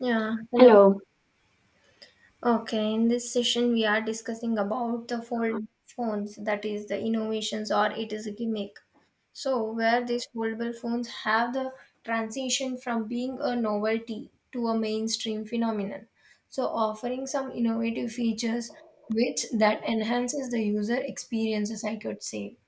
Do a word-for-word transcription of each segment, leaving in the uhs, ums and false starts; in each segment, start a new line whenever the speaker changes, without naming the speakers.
Yeah, hello.
Hello.
Okay, in this session we are discussing about the foldable phones, that is the innovations or it is a gimmick. So, where these foldable phones have the transition from being a novelty to a mainstream phenomenon. So, offering some innovative features which that enhances the user experiences, I could say.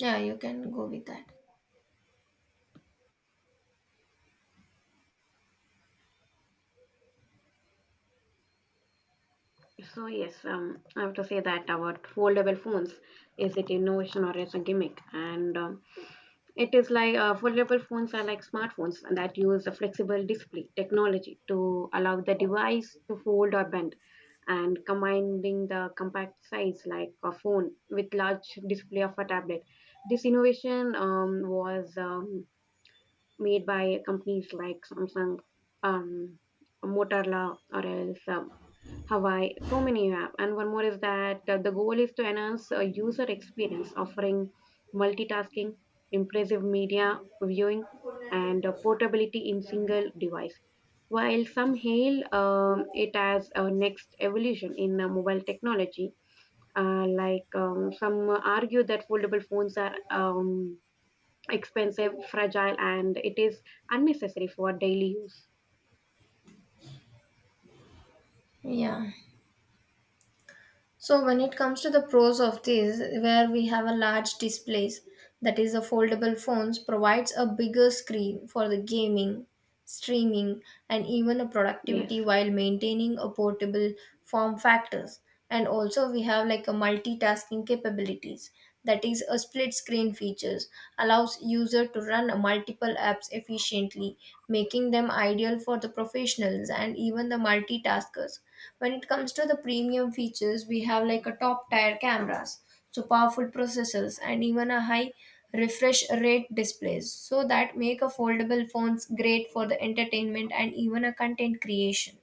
Yeah, you can go with that.
So yes, um, I have to say that about foldable phones, is it innovation or is a gimmick? And um, It is like uh, foldable phones are like smartphones that use a flexible display technology to allow the device to fold or bend, and combining the compact size like a phone with large display of a tablet. This innovation um, was um, made by companies like Samsung, um, Motorola, or else um, Hawaii. So many you have. And one more is that uh, the goal is to enhance uh, user experience, offering multitasking, impressive media viewing, and uh, portability in single device. While some hail um, it as a next evolution in uh, mobile technology, uh, like um, some argue that foldable phones are um, expensive, fragile, and it is unnecessary for daily use.
Yeah. So when it comes to the pros of this, where we have a large displays, that is a foldable phones provides a bigger screen for the gaming, streaming, and even a
Yes.
productivity while maintaining a portable form factors. And also we have like a multitasking capabilities. That is a split screen features allows user to run multiple apps efficiently, making them ideal for the professionals and even the multitaskers. When it comes to the premium features, we have like a top tier cameras, so powerful processors and even a high refresh rate displays so that make a foldable phones great for the entertainment and even a content creation.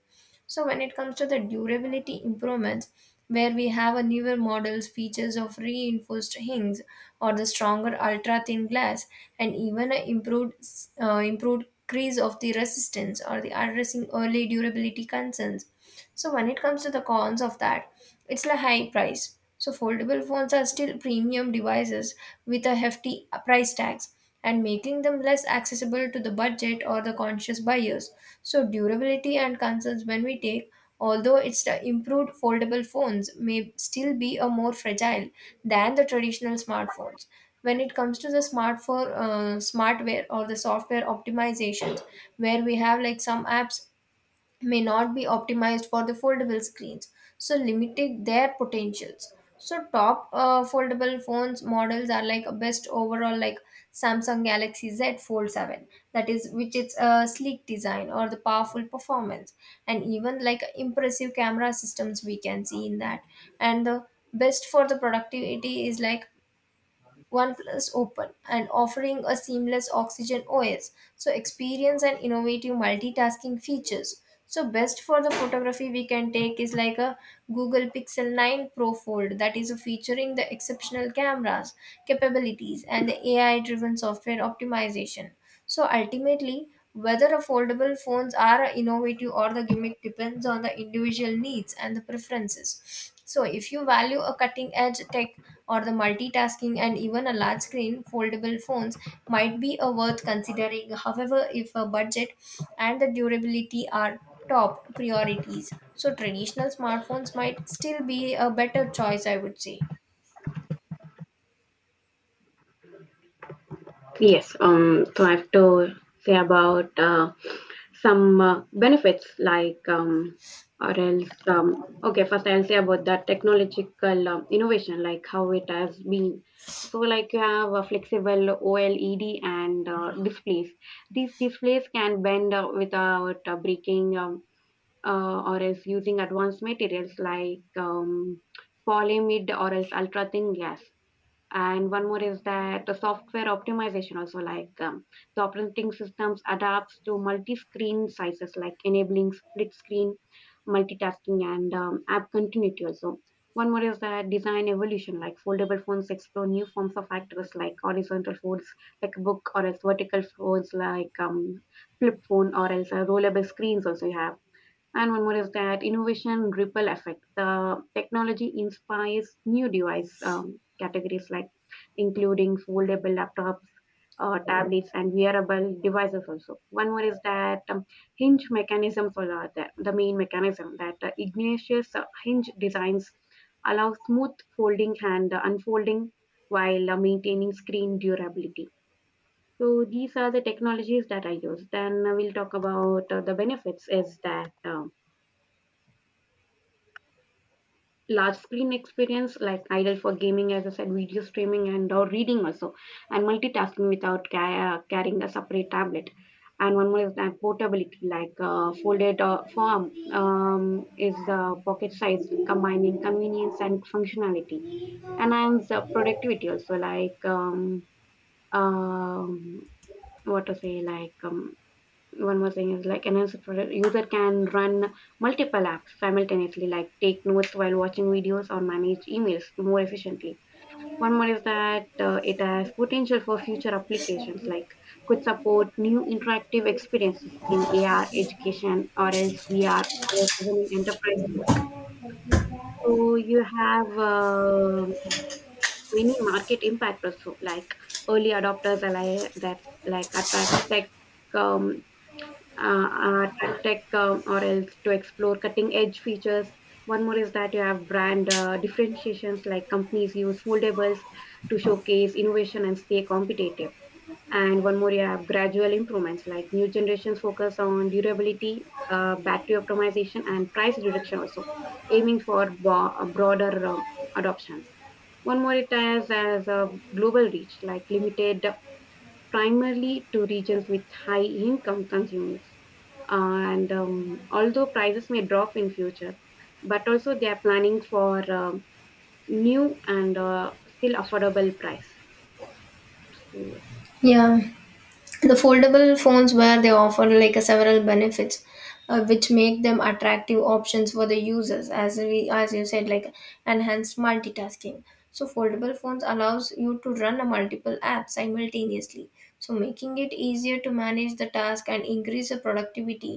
So when it comes to the durability improvements, where we have a newer models features of reinforced hinges or the stronger ultra thin glass and even a improved uh, improved crease of the resistance or the addressing early durability concerns. So when it comes to the cons of that, it's the high price. So foldable phones are still premium devices with a hefty price tags and making them less accessible to the budget or the conscious buyers. So durability and concerns when we take, although it's the improved foldable phones may still be a more fragile than the traditional smartphones. When it comes to the smartphone uh, smartware or the software optimizations, where we have like some apps may not be optimized for the foldable screens, so limiting their potentials. So top uh, foldable phones models are like best overall, like Samsung Galaxy Z Fold seven, that is, which its uh, sleek design or the powerful performance and even like impressive camera systems we can see in that. And the best for the productivity is like OnePlus Open, and offering a seamless Oxygen O S. So, experience and innovative multitasking features. So, best for the photography we can take is like a Google Pixel nine Pro Fold, that is featuring the exceptional cameras, capabilities, and the A I driven software optimization. So, ultimately, whether affordable phones are innovative or the gimmick depends on the individual needs and the preferences. So, if you value a cutting edge tech or the multitasking and even a large screen, foldable phones might be a worth considering. However, if a budget and the durability are top priorities, so traditional smartphones might still be a better choice, I would say.
Yes, um, so I have to say about uh, some uh, benefits like um, or else um, okay first I'll say about the technological um, innovation like how it has been. So like you have a flexible O L E D and uh, displays. These displays can bend uh, without uh, breaking, um, uh, or else using advanced materials like um, polyimide or else ultra thin glass. And one more is that the software optimization also, like um, the operating systems adapts to multi-screen sizes like enabling split screen multitasking and um, app continuity also. One more is that design evolution, like foldable phones explore new forms of actors like horizontal folds like a book, or else vertical folds like um, flip phone, or else uh, rollable screens also you have. And one more is that innovation ripple effect. The technology inspires new device um, categories like including foldable laptops, uh, tablets, and wearable devices also. One more is that um, hinge mechanisms are the, the main mechanism. That uh, Ignatius uh, hinge designs allow smooth folding and uh, unfolding while uh, maintaining screen durability. So these are the technologies that I use. Then uh, we'll talk about uh, the benefits. Is that um, large screen experience like ideal for gaming, as I said, video streaming and or reading also, and multitasking without ca- uh, carrying a separate tablet. And one more is that portability, like uh, folded uh, form um, is uh, pocket size, combining convenience and functionality. And and the productivity also, like um, um, what to say, like um, one more thing is like enhance product. User can run multiple apps simultaneously, like take notes while watching videos or manage emails more efficiently. One more is that uh, it has potential for future applications, like could support new interactive experiences in AR education, or else VR, or even in enterprise work. So you have uh, many market impact also, like early adopters are like that, like attract tech, um, uh, uh, tech tech, um, or else to explore cutting edge features. One more is that you have brand uh, differentiations, like companies use foldables to showcase innovation and stay competitive. And one more, you have gradual improvements, like new generations focus on durability, uh, battery optimization, and price reduction also, aiming for bo- uh, broader um, adoptions. One more, it has as a global reach, like limited primarily to regions with high income consumers, and um, although prices may drop in future, but also they are planning for um new and uh, still affordable price. So yes.
Yeah, the foldable phones where they offer like a several benefits, uh, which make them attractive options for the users, as we, as you said, like enhanced multitasking. So foldable phones allows you to run a multiple apps simultaneously, so making it easier to manage the task and increase the productivity.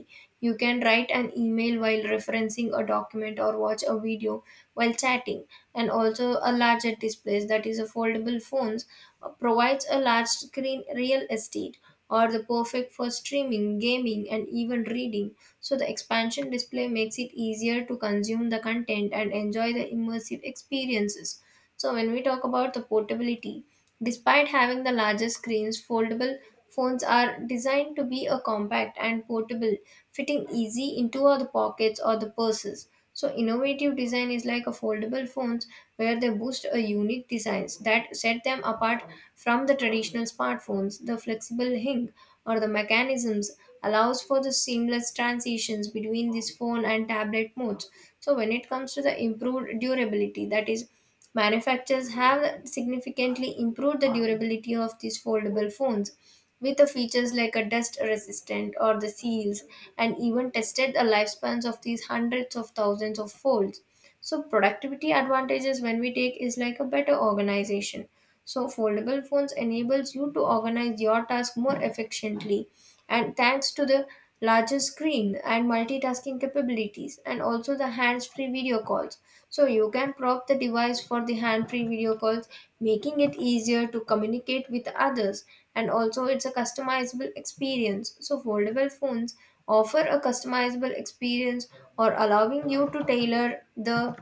You can write an email while referencing a document or watch a video while chatting. And also, a larger display, that is a foldable phones uh, provides a large screen real estate or the perfect for streaming, gaming, and even reading. So, the expansion display makes it easier to consume the content and enjoy the immersive experiences. So, when we talk about the portability, despite having the larger screens, foldable phones are designed to be a compact and portable, fitting easy into the pockets or the purses. So, innovative design is like a foldable phones, where they boost a unique designs that set them apart from the traditional smartphones. The flexible hinge or the mechanisms allows for the seamless transitions between this phone and tablet modes. So when it comes to the improved durability, that is, manufacturers have significantly improved the durability of these foldable phones with the features like a dust resistant or the seals and even tested the lifespans of these hundreds of thousands of folds. So productivity advantages when we take is like a better organization. So foldable phones enables you to organize your task more efficiently, and thanks to the larger screen and multitasking capabilities, and also the hands-free video calls, so you can prop the device for the hand-free video calls, making it easier to communicate with others. And also it's a customizable experience, so foldable phones offer a customizable experience or allowing you to tailor the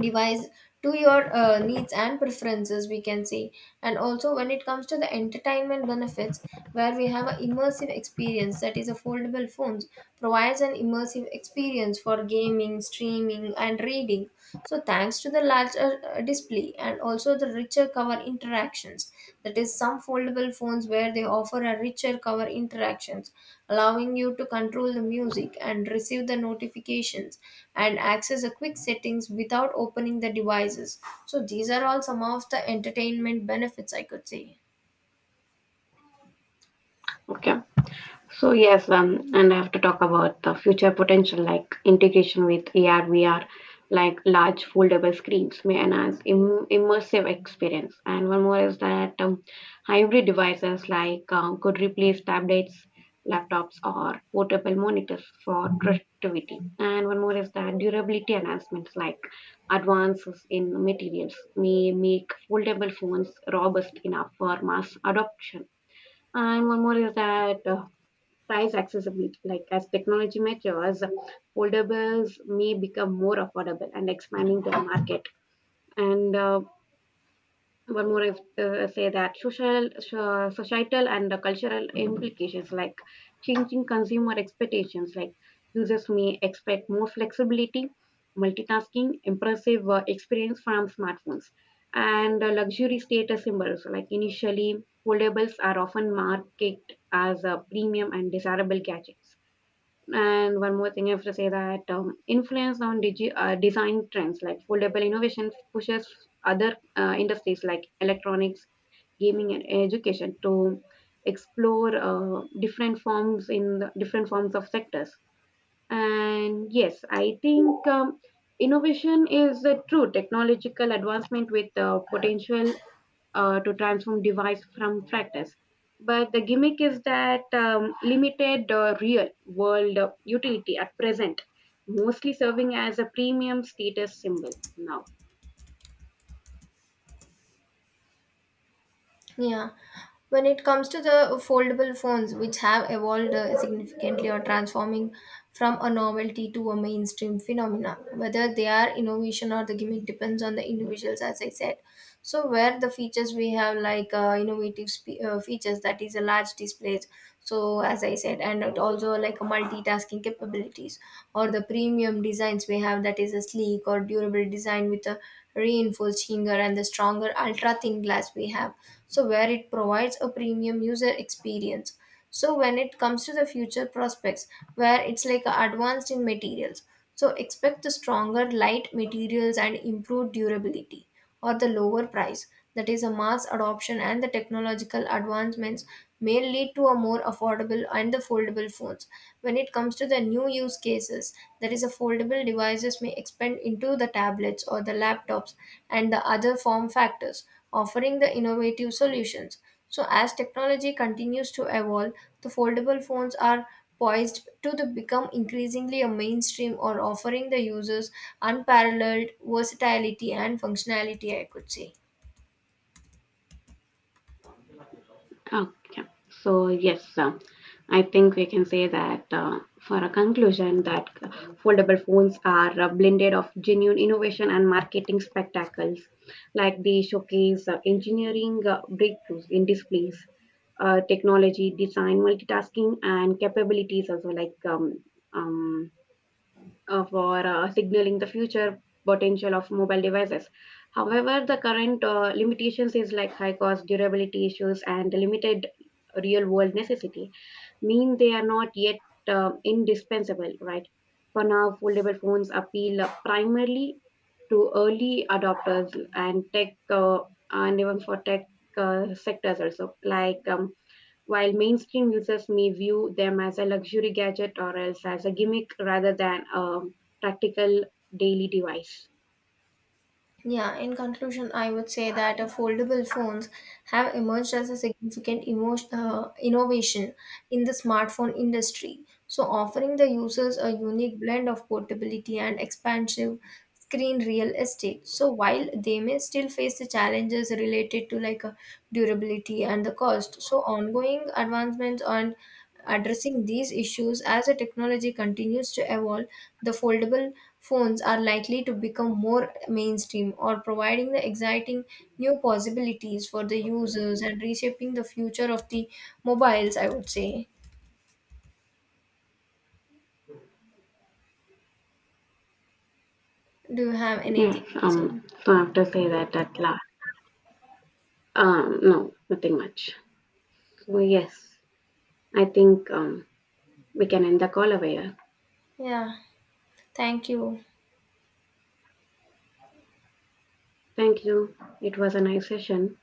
device to your uh, needs and preferences, we can say. And also when it comes to the entertainment benefits, where we have an immersive experience, that is a foldable phones provides an immersive experience for gaming, streaming and reading, so thanks to the larger uh, display, and also the richer cover interactions, that is, some foldable phones where they offer a richer cover interactions, allowing you to control the music and receive the notifications and access the quick settings without opening the devices. So these are all some of the entertainment benefits, I could say.
Okay. So yes, um, and I have to talk about the future potential, like integration with A R, V R, like large foldable screens may enhance Im- immersive experience. And one more is that um, hybrid devices, like um, could replace tablets, laptops, or portable monitors for productivity. And one more is that durability enhancements, like advances in materials may make foldable phones robust enough for mass adoption. And one more is that uh, price accessibility. Like as technology matures, foldables may become more affordable and expanding the market. And uh, One more, if, uh, say that social, so- societal and cultural implications, like changing consumer expectations, like users may expect more flexibility, multitasking, impressive uh, experience from smartphones, and uh, luxury status symbols. Like initially, foldables are often marketed as a premium and desirable gadgets. And one more thing, I have to say that um, influence on digi- uh, design trends, like foldable innovation pushes other uh, industries like electronics, gaming, and education to explore uh, different forms in the different forms of sectors. And yes, I think um, innovation is a true technological advancement with uh, potential uh, to transform device from practice. But the gimmick is that um, limited uh, real world uh, utility at present, mostly serving as a premium status symbol now.
Yeah. When it comes to the foldable phones, which have evolved uh, significantly or transforming from a novelty to a mainstream phenomena, whether they are innovation or the gimmick depends on the individuals, as I said. So, where the features we have like uh, innovative spe- uh, features, that is a large displays. So, as I said, and it also like multitasking capabilities or the premium designs we have, that is a sleek or durable design with a reinforced hanger and the stronger ultra thin glass we have, so where it provides a premium user experience. So when it comes to the future prospects, where it's like advanced in materials, so expect the stronger light materials and improved durability or the lower price, that is a mass adoption, and the technological advancements may lead to a more affordable and the foldable phones. When it comes to the new use cases, that is a foldable devices may expand into the tablets or the laptops and the other form factors, offering the innovative solutions. So, as technology continues to evolve, the foldable phones are poised to the- become increasingly a mainstream, or offering the users unparalleled versatility and functionality, I could say.
Okay. So yes, uh, I think we can say that uh, for a conclusion that foldable phones are a blended of genuine innovation and marketing spectacles, like they showcase uh, engineering uh, breakthroughs in displays, uh, technology, design, multitasking, and capabilities also, like um, um, uh, for uh, signaling the future potential of mobile devices. However, the current uh, limitations is like high cost, durability issues, and limited real world necessity mean they are not yet uh, indispensable, right? For now, foldable phones appeal uh, primarily to early adopters and tech uh, and even for tech uh, sectors also, like um, while mainstream users may view them as a luxury gadget, or else as a gimmick rather than a practical daily device.
Yeah, in conclusion, I would say that uh, foldable phones have emerged as a significant emotion, uh, innovation in the smartphone industry. So, offering the users a unique blend of portability and expansive screen real estate. So, while they may still face the challenges related to like uh, durability and the cost, so ongoing advancements on addressing these issues. As the technology continues to evolve, the foldable phones are likely to become more mainstream, or providing the exciting new possibilities for the users and reshaping the future of the mobiles, I would say. Do you have anything
Yes,
to say?
um, so I have to say that at last. Um, no, nothing much. So yes, I think um, we can end the call over here.
Yeah, thank you.
Thank you. It was a nice session.